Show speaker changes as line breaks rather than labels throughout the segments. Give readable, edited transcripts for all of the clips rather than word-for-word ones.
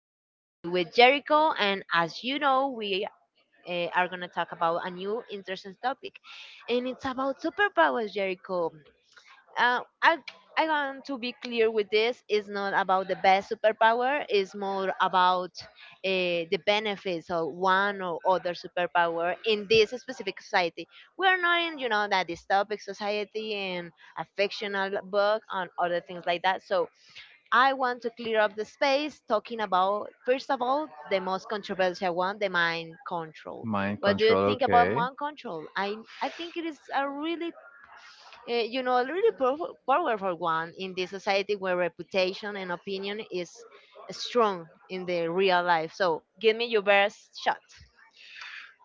We are here with Jericho, and as you know, we are going to talk about a new interesting topic, and it's about superpowers, Jericho. Uh, I I want to be clear with this. It's not about the best superpower. It's more about the benefits of one or other superpower in this specific society. We are not in that dystopic society and a fictional book and other things like that. So I want to clear up the space talking about, first of all, the most controversial one, the mind control.
Mind
What do you
control,
think about
okay.
mind control? I think it is a really powerful one in this society where reputation and opinion is strong in the real life. So give me your best shot.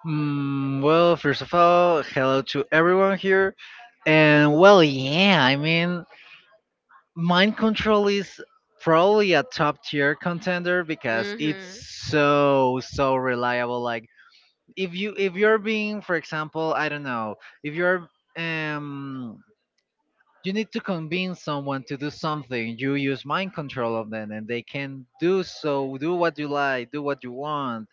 Mm, well, first of all, hello to everyone here. And well, yeah, I mean, mind control is probably a top tier contender because it's
Hmm.
so reliable. Like if you're being, for example, I don't know, if you're um you need to convince someone to do something, you use mind control on them and they can do so, do what you like, do what you want.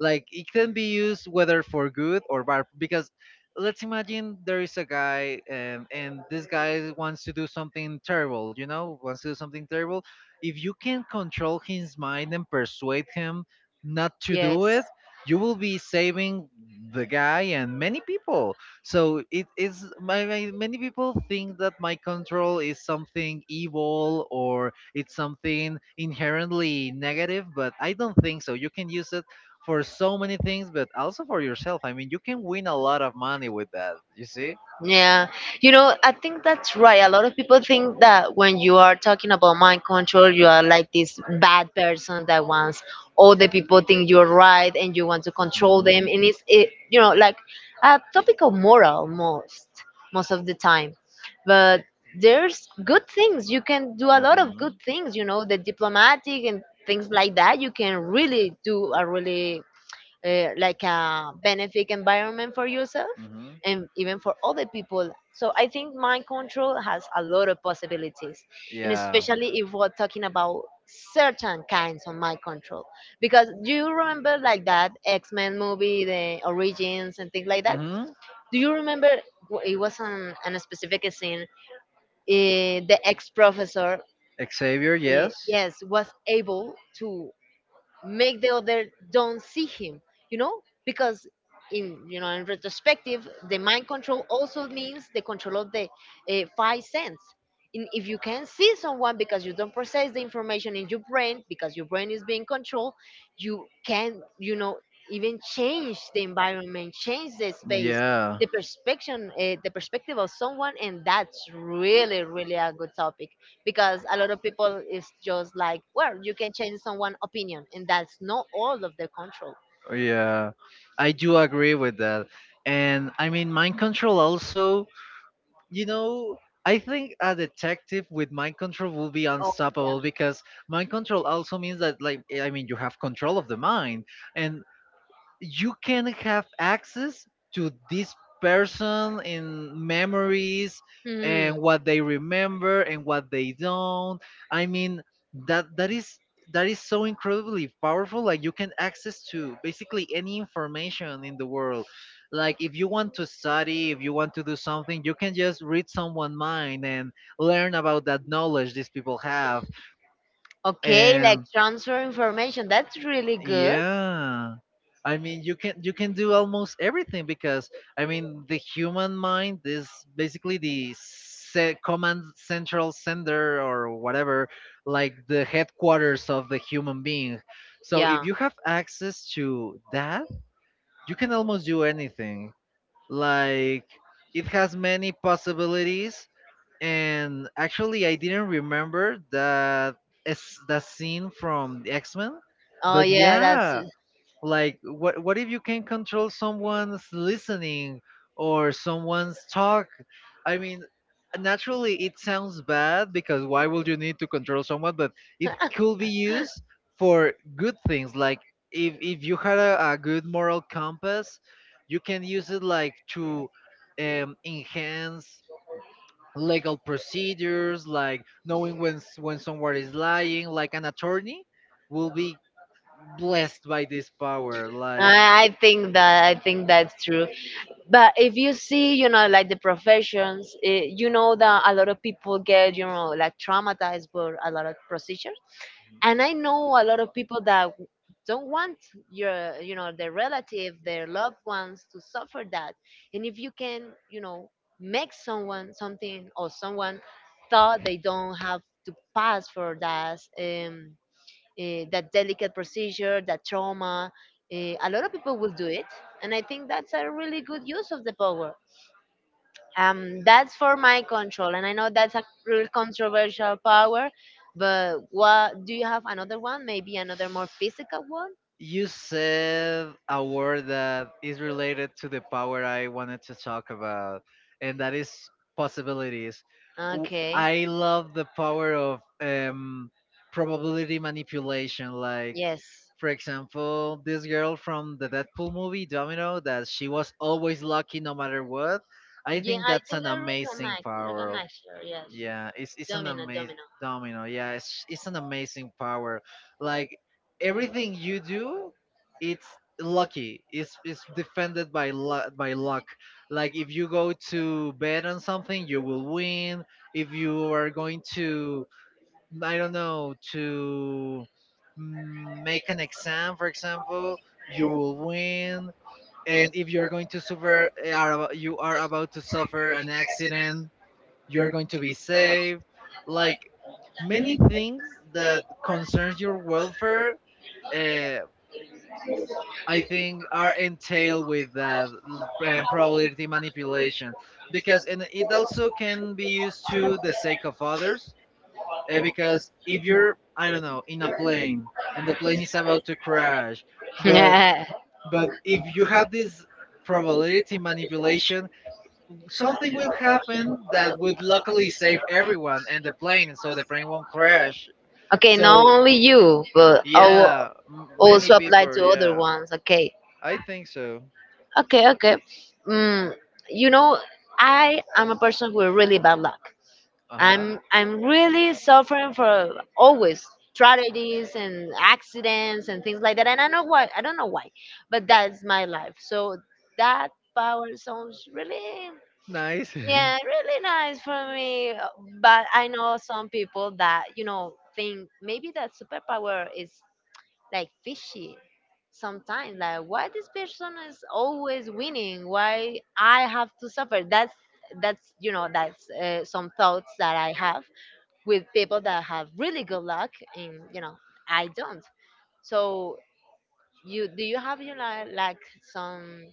Like it can be used whether for good or bad, because let's imagine there is a guy, and this guy wants to do something terrible, you know, wants to do something terrible. If you can control his mind and persuade him not to
Yes.
do it, you will be saving the guy and many people. So it is my, my many people think that mind control is something evil or it's something inherently negative, but I don't think so. You can use it for so many things, but also for yourself. I mean, you can win a lot of money with that. You see?
Yeah, I think that's right. A lot of people think that when you are talking about mind control, you are like this bad person that wants all the people think you're right and you want to control them.
Hmm.
And it's like a topic of moral most of the time. But there's good things. You can do a lot of
Hmm.
good things, the diplomatic and things like that. You can really do a really like a benefic environment for yourself
Hmm.
and even for other people. So I think mind control has a lot of possibilities, and
Yeah.
especially if we're talking about certain kinds of mind control. Because do you remember like that X Men movie, the origins and things like that?
Hmm.
Do you remember it was on a specific scene? The ex professor,
Xavier,
uh,
yes.
yes, was able to make the other don't see him, you know because in you know in retrospective the mind control also means the control of the five sense. If you can see someone because you don't process the information in your brain because your brain is being controlled, you can even change the environment, change the space,
Yeah.
the perspective of someone, and that's really a good topic, because a lot of people is just like, well, you can change someone's opinion, and that's not all of their control.
Yeah, I do agree with that. And I mean, mind control also, you know, I think a detective with mind control will be
Oh,
unstoppable because mind control also means that, like, I mean, you have control of the mind. And you can have access to this person in memories
yeah. Hmm.
and what they remember and what they don't. I mean, that is that is so incredibly powerful. Like you can access to basically any information in the world. Like if you want to study, if you want to do something, you can just read someone's mind and learn about that knowledge these people have.
Okay, like
And
transfer information. That's really good.
yeah. I mean, you can do almost everything, because I mean, the human mind is basically the command central center or whatever, like the headquarters of the human being. So if
Yeah.
you have access to that, you can almost do anything. Like it has many possibilities. And actually, I didn't remember that that scene from the X Men,
Oh
but
yeah, that's
yeah, like what if you can control someone's listening or someone's talk. I mean, naturally it sounds bad because why would you need to control someone, but it could be used for good things. Like if you had a good moral compass, you can use it like to enhance legal procedures, like knowing when when someone is lying. Like an attorney will be blessed by this power. Like
I think that I think that's true. But if you see, like the professions, you know that a lot of people get, like traumatized by a lot of positions, and I know a lot of people that don't want your you know their relative their loved ones to suffer that, and if you can you know make someone something, or someone thought they don't have to pass for that, that delicate procedure, that trauma, a lot of people will do it. And I think that's a really good use of the power, that's for my control. And I know that's a real controversial power. But what do you have, another one, maybe another more physical one?
you said a word that is related to the power I wanted to talk about, and that is possibilities.
Okay.
I love the power of probability manipulation. Like,
Yes.
for example, this girl from the Deadpool movie, Domino, that she was always lucky no matter what. I
Yeah,
think
i
that's an
i
amazing
recognize
power.
recognize her. Yes.
Yeah, it's an
Domino,
amazing
Domino.
domino. Yeah, it's an amazing power. Like everything you do, it's lucky. It's defended by luck. Like if you go to bet on something, you will win. If you are going to, I don't know, to make an exam, for example, you will win. And if you're going to suffer, you are about to suffer an accident, you're going to be safe. Like many things that concerns your welfare, uh, I think are entailed with that probability manipulation, because and it also can be used to the sake of others. Because if you're, I don't know, in a plane and the plane is about to crash, but
Yeah.
but if you have this probability manipulation, something will happen that would luckily save everyone and the plane, and so the plane won't crash.
Okay, not
So,
only you but I will
yeah, many
also apply
people,
to other
yeah,
ones. Okay.
I think so.
Okay. Okay. mm, you know, I am a person with really bad luck.
Uh huh.
I'm really suffering for always tragedies and accidents and things like that. And I don't know why, but that's my life. So that power sounds really,
Nice.
yeah, really nice for me. But I know some people that, think maybe that superpower is like fishy sometimes. Like why this person is always winning? Why I have to suffer? That's some thoughts that I have with people that have really good luck, and I don't. So you have, like, some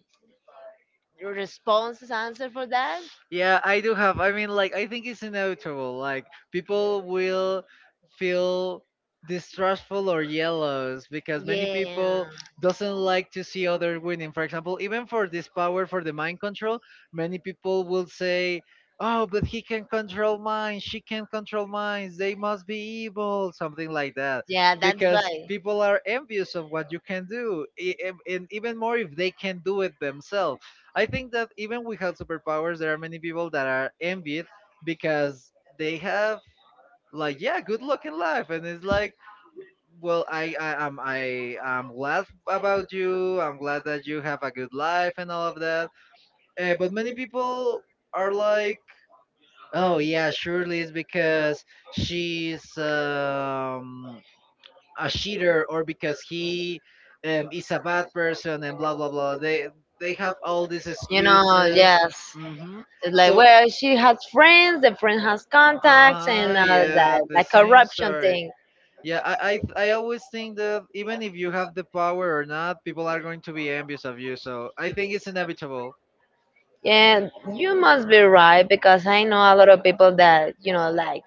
response answer for that.
Yeah, I do have. I mean, like, I think it's inevitable. Like, people will feel distrustful or jealous because many
Yeah.
people doesn't like to see others winning. For example, even for this power for the mind control, many people will say, "Oh, but he can control minds. She can control minds. They must be evil," something like that,
Yeah, that's
because
right.
people are envious of what you can do, and even more if they can do it themselves. I think that even without superpowers, there are many people that are envied because they have like yeah, good luck in life, and it's like, well, I am I'm glad about you. I'm glad that you have a good life and all of that. But many people are like, oh yeah, surely it's because she's a cheater or because he is a bad person and blah blah blah. They have all these
You know,
excuses.
yes,
Hmm.
it's like,
So
well, she has friends, the friend has
uh
contacts, and
huh. Yeah,
that
the
that
same
corruption
story.
thing.
Yeah, I always think that even if you have the power or not, people are going to be envious of you. So I think it's inevitable.
Yeah, you must be right because I know a lot of people that,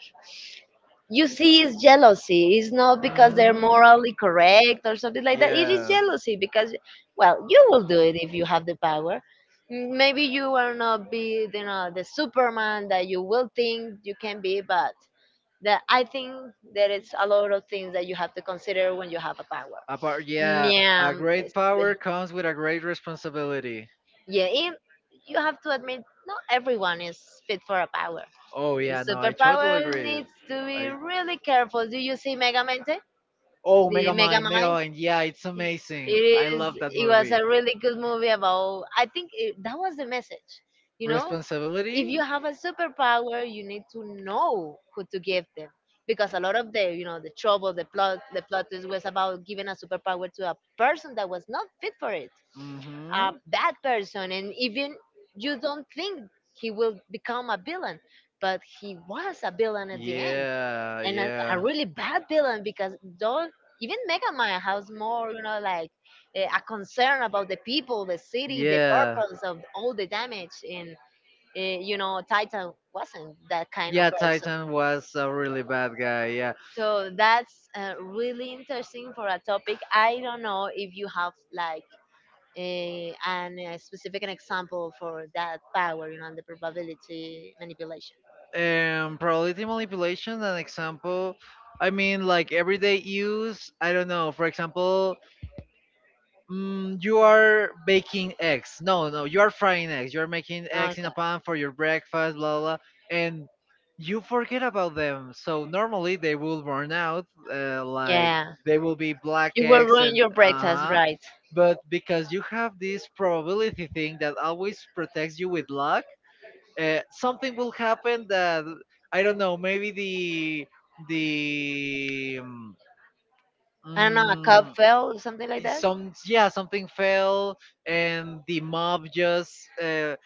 you see, it's jealousy, it's not because they're
Mm-hmm.
morally correct or something like that, it is
Yeah.
jealousy because, well, you will do it if you have the power. Maybe you are not be you know the superman that you will think you can be, but I think there is a lot of things that you have to consider when you have a power.
A par- yeah,
Yeah.
a great power comes with a great responsibility.
Yeah, you have to admit, not everyone is fit for a power.
Oh yeah,
The
no, I totally
superpower
agree.
needs to be
I
really careful. Do you see Mega Mente?
Oh,
The Mega
Megamind,
Mind?
Megamind, yeah, it's
It
amazing. I
is.
love that
It was
movie.
a really good movie about, I think, that was the message. You know, if
Responsibility.
you have a superpower, you need to know who to give them, because a lot of the you know the trouble, the plot, is was about giving a superpower to a person that was not fit for it, a
Mm-hmm.
bad person, and even you don't think he will become a villain, but he was a villain at the end.
Yeah,
And a
yeah.
really bad villain because, though, even Mega Man has more, you know, like, a concern about the people, the city, the
Yeah.
purpose of all the damage. And Titan wasn't that kind of
Yeah,
person.
Titan was a really bad guy. Yeah.
So that's really interesting for a topic. I don't know if you have like, and a specific an example for that power, you know, the probability manipulation.
Probability manipulation, an example. I mean, like everyday use. I don't know. For example, mm, you are baking eggs. No, no, you are frying eggs. You're making eggs in
Okay.
a pan for your breakfast, blah, blah, blah. And you forget about them. So normally they will burn out, like
Yeah.
they will be black
You will
eggs
ruin
and
your
uh
breakfast,
huh.
right?
But because you have this probability thing that always protects you with luck, something will happen that I don't know. Maybe the
I don't know, a cup
mm,
fell or something like that.
some yeah something fell and the mob just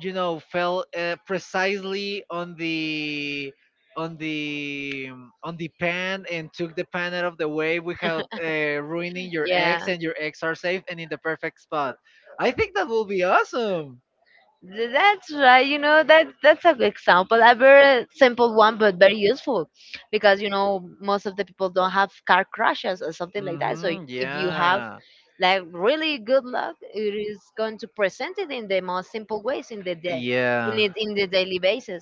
you know fell, precisely on on the the pan, and took the pan out of the way without ruining your
Yeah.
eggs, and your eggs are safe and in the perfect spot. I think that will be awesome.
That's right. You know that that's a good example, a very simple one but very useful, because you know most of the people don't have car crashes or something like that. So
Mm-hmm,
if you have
yeah.
like really good luck, it is going to present it in the most simple ways in the day, in
Yeah.
it in the daily basis.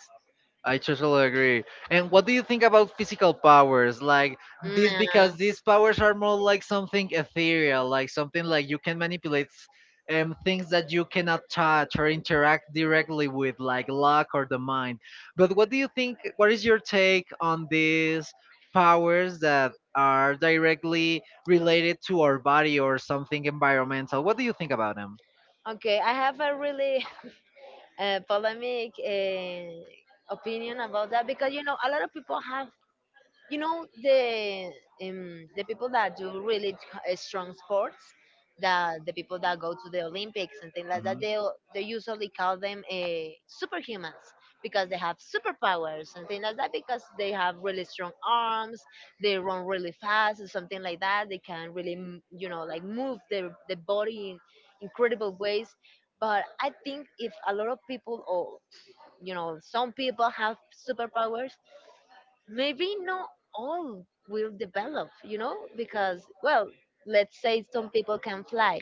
I totally agree. And what do you think about physical powers? Like
Mm,
this,
uh,
because these powers are more like something ethereal, like something like you can manipulate things that you cannot touch or interact directly with, like luck or the mind. But what do you think? What is your take on these powers that are directly related to our body or something environmental? What do you think about them?
okay, I have a really polemic opinion about that, because a lot of people have you know the the people that do really strong sports, the people that go to the Olympics and things like
Mhm.
that, they usually call them superhumans, because they have superpowers and things like that, because they have really strong arms, they run really fast or something like that, they can really move the body in incredible ways. But I think if a lot of people, or some people, have superpowers, maybe not all will develop, you know, because, well, let's say some people can fly.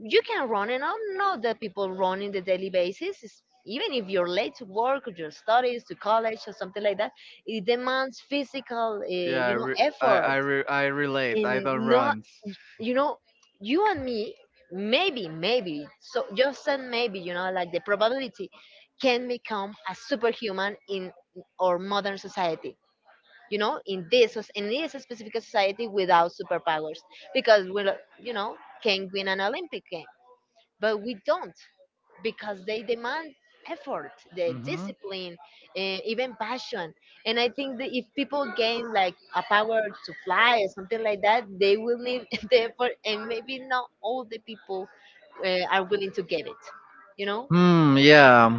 You can run, and I know that people run in the daily basis. Even if you're late to work or your studies to college or something like that, it demands physical, uh, you know, effort,
I, I relate.
and
I don't
not,
run.
you know, you and me, maybe, so just, and maybe, like the probability, can become a superhuman in our modern society, in this specific society without superpowers, because we, you know, can win an Olympic game, but we don't because they demand effort, the discipline, and even passion. And I think that if people gain like a power to fly or something like that, they will need the effort, and maybe not all the people are willing to give it. You know?
Hmm. Yeah.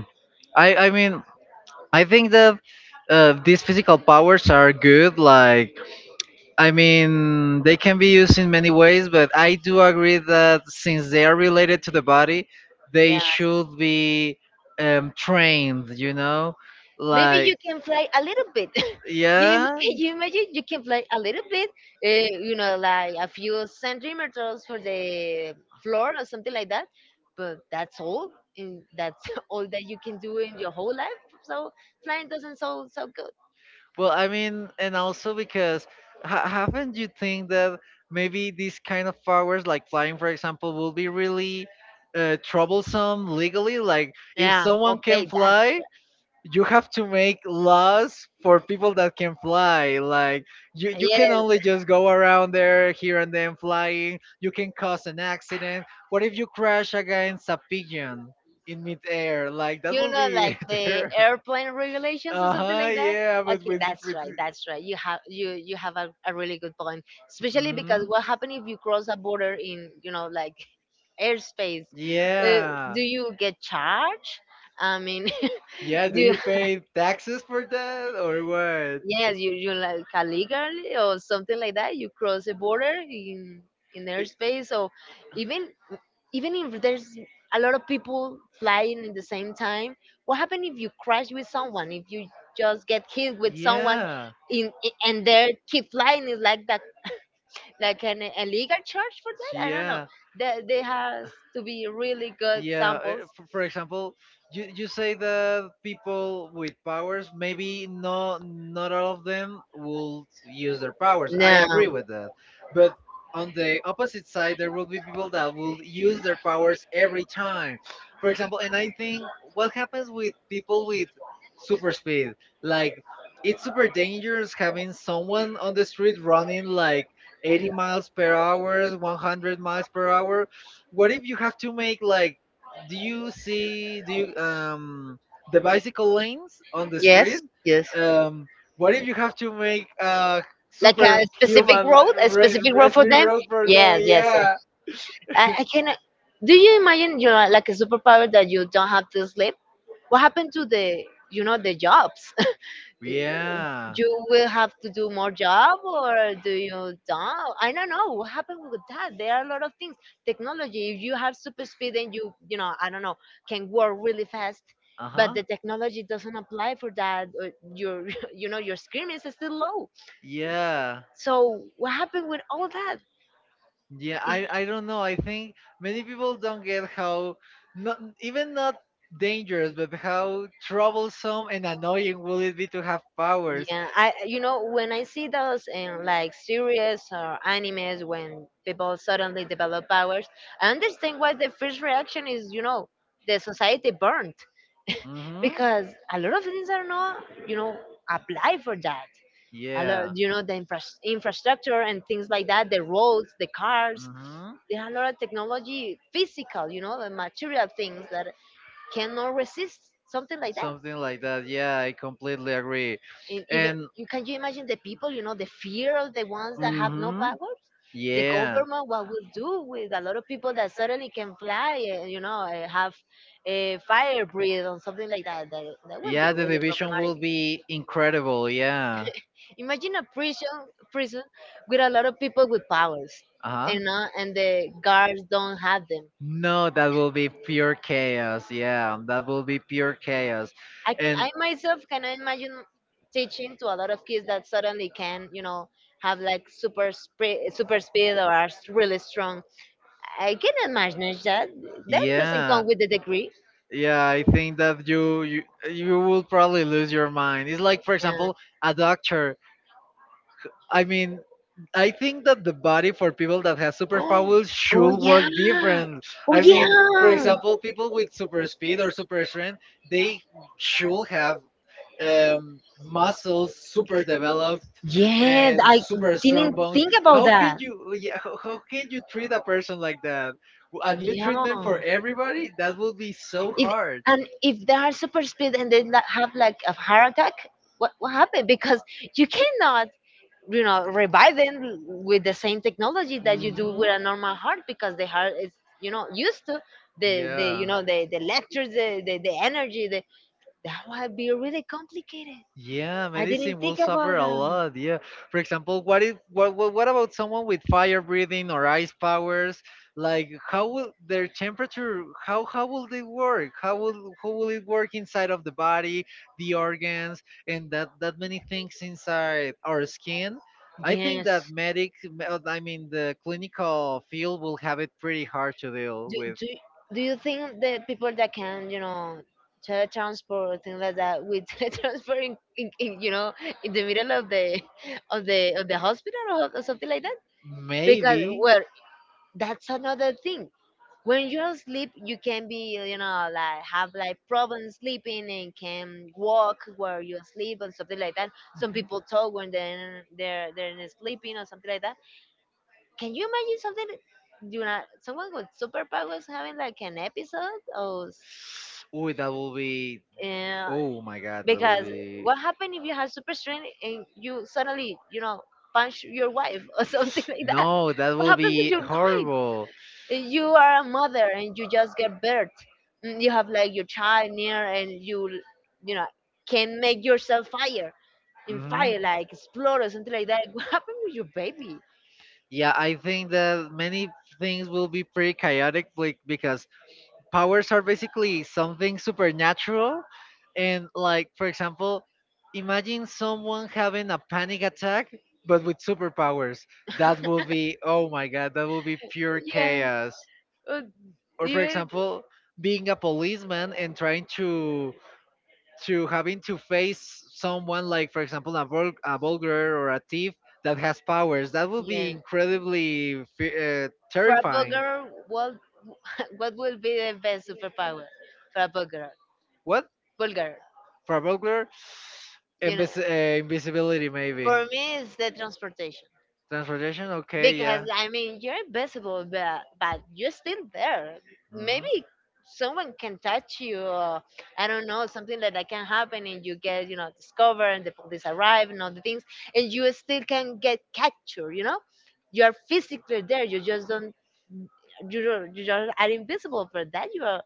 I mean I think that these physical powers are good. Like I mean, they can be used in many ways, but I do agree that since they are related to the body, they
Yeah.
should be trained, you know?
Maybe you
Like,
can fly a little bit. You im-
yeah.
you imagine you can fly a little bit, like a few centimeters for the floor or something like that. But that's all, and that's all that you can do in your whole life. So flying doesn't sound so good.
Well, I mean, and also because haven't you think that maybe these kind of powers, like flying, for example, will be really troublesome legally? Like, if
Yeah.
someone can
Okay. That's,
fly, you have to make laws for people that can fly. Like you can
yes.
only just go around there here and then flying. You can cause an accident. What if you crash against a pigeon in midair? Like that will be
The
terrible.
airplane regulations or
Uh
something
huh.
like that.
Yeah, but
Okay,
with
that's
with.
right, that's right. You have a really good point, especially because
Mhm.
what happens if you cross a border in, airspace. uh,
Yeah.
do you get charged? I mean,
Yeah. Do
do you,
you pay taxes for that or what?
yes, you like, illegally or something like that, you cross a border in
It,
airspace, or even even if there's a lot of people flying at the same time, what happens if you crash with someone, if you just get hit with someone?
yeah,
Yeah. And they keep flying is like that, like an a legal charge for that, I don't know.
yeah.
There has to be really good, yeah,
Yeah,
samples.
for example, you say that people with powers, maybe not all of them will use their powers. I
No.
agree with that. But on the opposite side, there will be people that will use their powers every time. For example, and I think what happens with people with super speed? Like it's super dangerous having someone on the street running like 80 miles per hour, 100 miles per hour. What if you have to make like do you the bicycle lanes on the
Yes.
street,
Yes.
um what if you have to make a
Like a specific
superhuman
road a specific road for
speed
them.
road for them?
Yes. Yes. Yes.
Yeah.
I cannot. Do you imagine you are like a superpower that you don't have to sleep? What happened to the, you know, the jobs?
Yeah.
You will have to do more job? Or do you don't? I don't know what happened with that. There are a lot of things. Technology, if you have super speed and you know I don't know, can work really fast, but
Uh-huh.
the technology doesn't apply for that. Or your, you know, your screen is still low.
Yeah.
So what happened with all that?
Yeah, I don't know. I think many people don't get how not even not dangerous, but how troublesome and annoying will it be to have powers.
Yeah, I when I see those in like series or animes when people suddenly develop powers, I understand why the first reaction is, you know, the society burnt,
Mhm.
because a lot of things are not, you know, apply for that. A lot,
Yeah.
you know, the infrastructure and things like that, the roads, the cars.
Mhm.
There are a lot of technology, physical, you know, and material things that cannot resist something like that.
Something like that. Yeah, I completely agree.
And even,
And
you can, you imagine the people, you know, the fear of the ones that have no
mhm.
powers? The
Yeah.
government, what will do with a lot of people that suddenly can fly and, have a fire breathe or something like that, that, that will be
Yeah, the
really
division right?
problematic.
will be incredible. Yeah.
Imagine a prison, prison, with a lot of people with powers,
Uh
you
huh.
know and the guards don't have them.
No, that will be pure chaos. Yeah, that will be pure chaos.
i, c-
And
I myself can imagine
imagine
teaching to a lot of kids that suddenly can, you know, have like super speed, super speed, or are really strong. I can imagine that. That doesn't
yeah,
come with the degree.
yeah, I think that you will probably lose your mind. It's like, for
Yeah.
example, a doctor. I mean, I think that the body for people that have
Oh,
superpowers
oh
should
yeah.
work different.
Oh
I
yeah.
mean, for example, people with super speed or super strength, they should have muscles super developed
Yes,
and
I
super strong
didn't
bones.
think about
How can
that.
you, yeah, how
Yeah.
can you treat a person like that? A new treatment for everybody? That would be so
If,
hard.
and if they are super speed and they have like a heart attack, what happened? Because you cannot, you know, revive them with the same technology that you do
Mhm.
with a normal heart, because the heart is, you know, used to the, the you
Yeah.
know the lectures the energy, the, that would be really complicated.
Yeah,
I
medicine
didn't
will
think about
suffer a
that.
lot. Yeah. For example, what if what about someone with fire breathing or ice powers? Like how will their temperature how will they work? How will it work inside of the body, the organs, and that many things inside our skin? I think
Yes,
that I mean the clinical field will have it pretty hard to deal
do,
with.
do, do you think the people that can, you know, teletransport or things like that with teletransport in, you know, in the middle of the of the hospital, or something like that? Because
Maybe.
well, that's another thing. When you're asleep you can be, you know, like have like problems sleeping and can walk where you sleep and something like that. Some people talk when they're not sleeping or something like that. Can you imagine someone with superpowers having like an episode? Or
Ooh, that will be.
yeah.
Oh my God, that will
Because
be.
what happened if you have super strength and you suddenly, you know, punch your wife, or something like that, no?
No, that
What
will
happens? Really? With
be
your wife.
horrible.
You are a mother and you just get birth. Mm, you have like your child near, and you know can make yourself fire, in
hmm
fire, like explode or something like that. What happened with your baby?
Yeah, I think that many things will be pretty chaotic, like because powers are basically something supernatural, and like for example imagine someone having a panic attack but with superpowers. That would be, oh my god, that would be pure
Yes.
chaos.
Uh,
Or for
even.
example being a policeman and trying to having to face someone, like for example a vulgar or a thief that has powers. That would
Yeah.
be
For a
terrifying.
bulgar. What? What will be the best superpower for a bulgar?
What?
Bulgar.
For a burglar,
you know
invisibility maybe.
for me, it's the transportation,
Transportation, okay,
because
yeah.
I mean, you're invisible, but you're still there.
Mhm.
Maybe someone can touch you. Or, I don't know, something that, that can happen, and you get, you know, discovered, and the police arrive, and all the things, and you still can get captured. You know, you are physically there. You just don't. You don't, you just are invisible. For that, you are.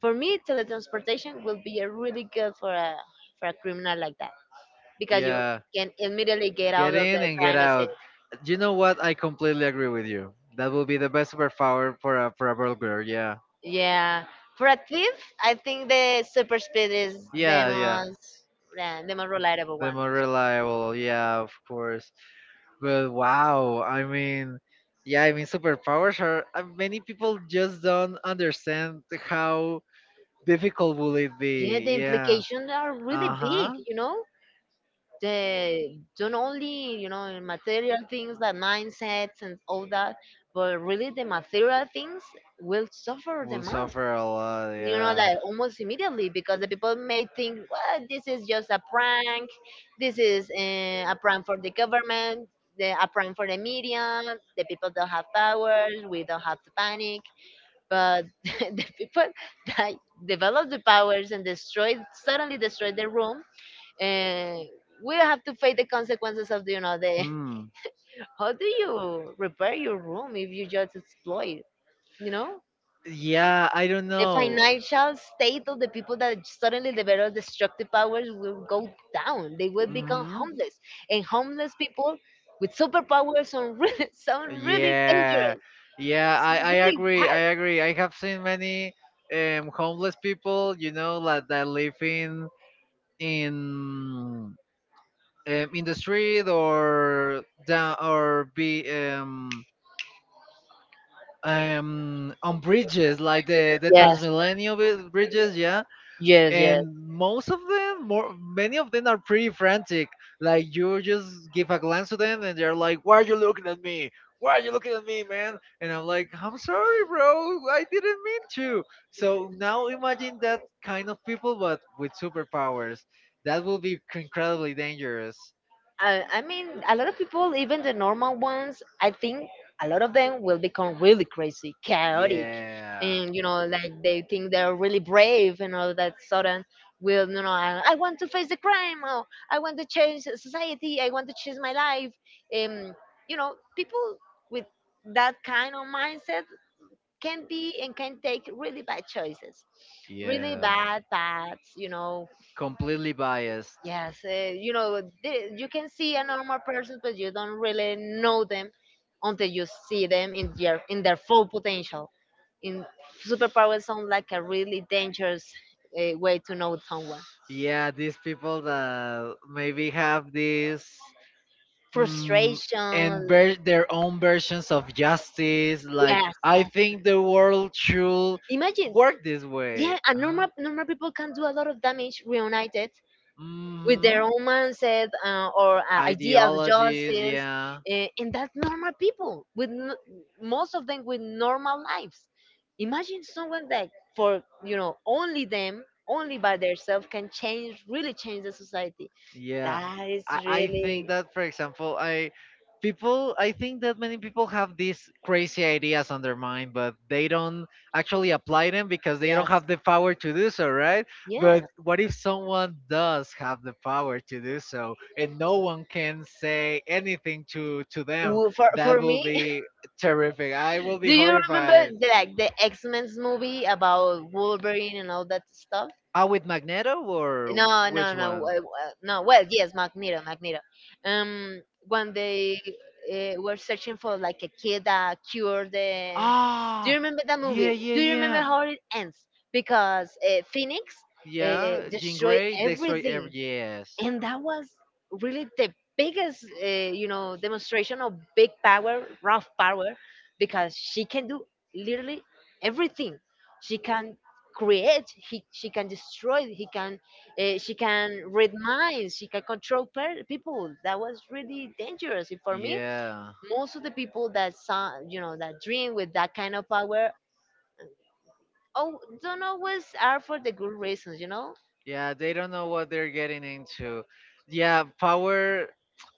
For me, teletransportation will be a really good for a, for a criminal like that, because you
Yeah,
can immediately get out
get
of the
in and get
crime scene.
out. You know what? I completely agree with you. That will be the best superpower for a burglar. Yeah,
Yeah. For a thief, I think the super speed is the
yeah, yeah.
most, yeah, the most reliable
The
one.
more reliable, yeah, of course. But wow, I mean, yeah, I mean, superpowers are. Many people just don't understand how difficult will it
Yeah, the
be? Yeah.
implications are really
Uh
big,
huh.
you know? They don't only, you know, in material things like mindsets and all that, but really the material things will suffer the
Will
most.
suffer a lot.
You know,
Yeah.
like almost immediately, because the people may think, well, this is just a prank, this is a prank for the government, the, a prank for the media. The people don't have powers, we don't have to panic. But the people that develop the powers and destroy, suddenly destroy the room, and we have to face the consequences of, you know, the.
Hmm.
How do you repair your room if you just exploit, you know
Yeah, I don't
the
know.
financial state of the people that suddenly develop destructive powers will go down. They will become
hmm
homeless, and homeless people with superpowers sound really, sound really
Yeah,
dangerous,
I
really bad.
agree. I agree. I have seen many homeless people, you know, like that live in in in the street, or down, or be on bridges like the
Yes,
Transmilenio bridges, yeah,
yes, yes.
and most of them more many of them are pretty frantic. Like you just give a glance to them and they're like, why are you looking at me, why are you looking at me, man? And I'm like, I'm sorry bro, I didn't mean to. So now imagine that kind of people but with superpowers. That will be incredibly dangerous.
I mean, a lot of people, even the normal ones, I think a lot of them will become really crazy, chaotic,
Yeah,
and you know, like they think they're really brave, and all that sudden will, you know, I want to face the crime, or I want to change society, I want to change my life. Um, you know, people with that kind of mindset can be, and can take really bad choices, really
yeah,
bad paths, you know.
completely biased.
Yes, you know, you can see a normal person, but you don't really know them until you see them in their, in their full potential. In, superpowers sound like a really dangerous, way to know someone.
Yeah, these people that maybe have these, mm, and
Frustration,
their own versions of justice. Like,
yes,
I
that.
think the world should
Imagine,
work this way.
yeah, and
Uh-huh.
normal people can do a lot of damage reunited with their
Mhm.
own mindset, or idea of
Ideologies,
justice.
yeah.
And that's normal people, with most of them with normal lives. Imagine someone that, for, you know, only them, only by themselves can change, really change the society.
Yeah,
That is
I think
really,
that, for example, I think that many people have these crazy ideas on their mind, but they don't actually apply them because they
yes,
don't have the power to do so, right? But
yeah.
what if someone does have the power to do so, and no one can say anything to them?
Well, For
That
for
will
me,
be terrific. I will be
do you remember
horrified.
the, like the X Men's movie about Wolverine and all that stuff?
Ah, with Magneto, or
No,
which
no, no,
one?
no. Well, yes, Magneto, Magneto. Um, when they, were searching for like a kid that cured the, do
Ah,
you remember that
yeah,
movie?
yeah,
Do you remember
yeah.
how it ends? Because Phoenix, uh,
Yeah, Jean
destroyed
Grey destroy every,
everything,
yes.
and that was really the biggest, you know, demonstration of big power, rough power, because she can do literally everything. She can create, he, she can destroy, he can, she can read minds, she can control people. That was really dangerous. And for me,
Yeah,
most of the people that saw, you know, that dream with that kind of power, oh, don't always are for the good reasons, you know.
yeah, they don't know what they're getting into. Yeah, power.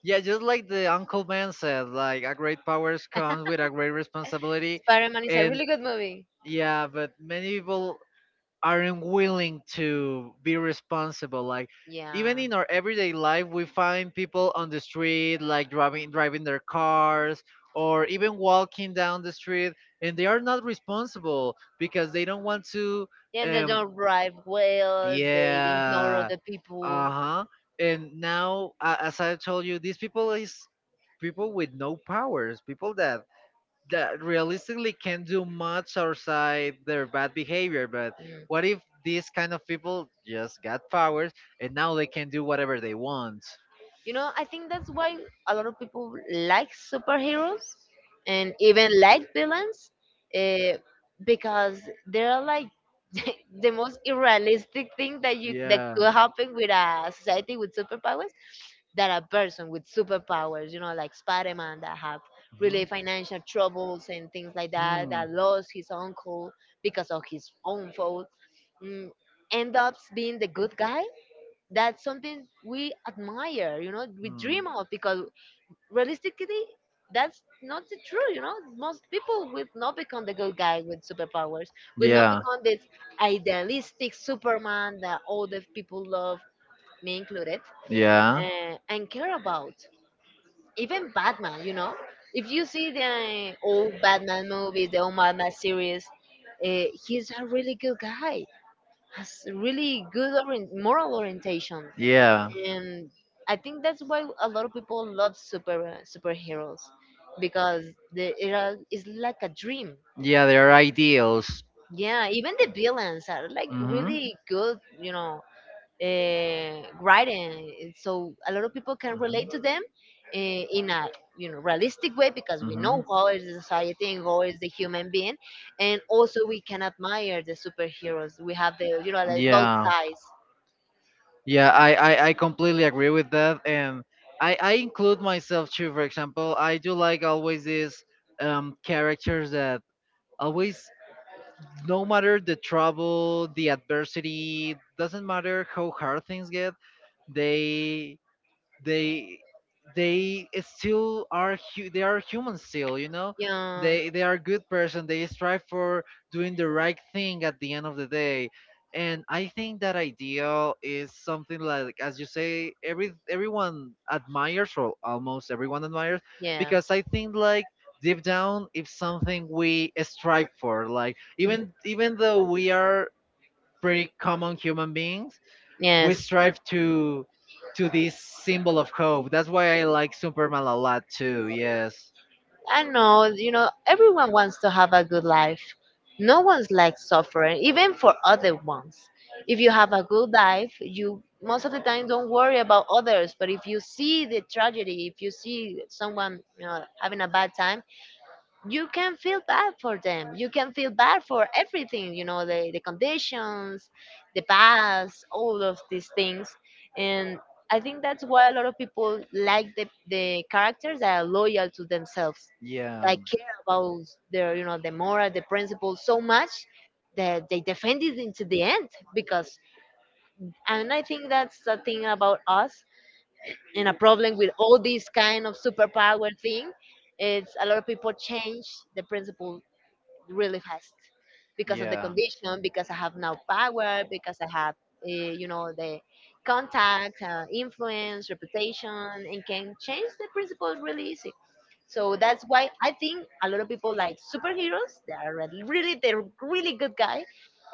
Yeah, just like the Uncle Ben said, like a great powers comes with a great responsibility,
Spider-Man is a
and
really good movie.
yeah, but many people aren't willing to be responsible. Like
Yeah.
even in our everyday life we find people on the street, like driving their cars or even walking down the street, and they are not responsible because they don't want to.
Yeah, they
Um,
don't drive well, they ignore
yeah.
other people.
Uh-huh. And now as I told you, these people is people with no powers, people that that realistically can do much outside their bad behavior. But what
Mm.
if these kind of people just got powers and now they can do whatever they want?
You know, I think that's why a lot of people like superheroes, and even light villains, uh, because they're like, the most unrealistic thing that you, that
Yeah.
could happen with a society with superpowers, that a person with superpowers, you know, like Spider-Man, that have really
Mhm.
financial troubles and things like that,
Hmm.
that lost his uncle because of his own fault, mm, end up being the good guy. That's something we admire, you know, we
Hmm.
dream of, because realistically, that's not the true. You know, most people will not become the good guy with superpowers. Will not
Yeah.
become this idealistic Superman that all the people love, me included,
Yeah.
and care about. Even Batman, you know, if you see the old Batman movies, the old Batman series, he's a really good guy. Has really good moral orientation.
Yeah.
And I think that's why a lot of people love superheroes, because it's like a dream.
Yeah, there are ideals.
Yeah, even the villains are like really good, you know, writing. So a lot of people can relate to them, in a, you know, realistic way, because we know how is the society and how is the human being, and also we can admire the superheroes. We have the, you know, like both sides.
Yeah, I completely agree with that. And I include myself too. For example, I do like always these characters that always, no matter the trouble, the adversity, doesn't matter how hard things get, they they they still are they are human still, you know,
Yeah.
they are good person, they strive for doing the right thing at the end of the day. And I think that ideal is something, like as you say, everyone admires, or almost everyone admires,
Yeah.
because I think like deep down it's something we strive for. Like even though we are pretty common human beings,
We,
we
yes.
strive to this symbol of hope. That's why I like Superman a lot too. Yes.
I know, you know, everyone wants to have a good life. No one's like suffering, even for other ones. If you have a good life, you most of the time don't worry about others. But if you see the tragedy, if you see someone, you know, having a bad time, you can feel bad for them. You can feel bad for everything, you know, the conditions, the past, all of these things. And I think that's why a lot of people like the characters that are loyal to themselves,
Yeah.
that care about their, you know, the moral, the principles so much that they defend it into the end. Because, and I think that's the thing about us, and a problem with all this kind of superpower thing, it's a lot of people change the principle really fast, because of the condition, because I have now power, because I have, you know, the contacts, influence, reputation, and can change the principles really easy. So that's why I think a lot of people like superheroes. They are really, they're really good guy,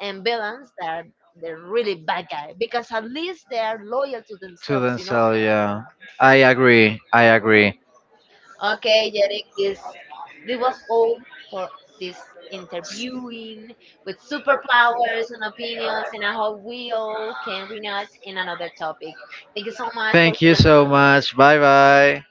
and villains they are, they're really bad guy, because at least they are loyal to
So, to
themselves. You know,
themselves, yeah. I agree. I agree.
okay, yes, yes. It was all for this interviewing with superpowers and opinions, and I hope we all can reunite in another topic. Thank you so much for
You so much. Bye bye.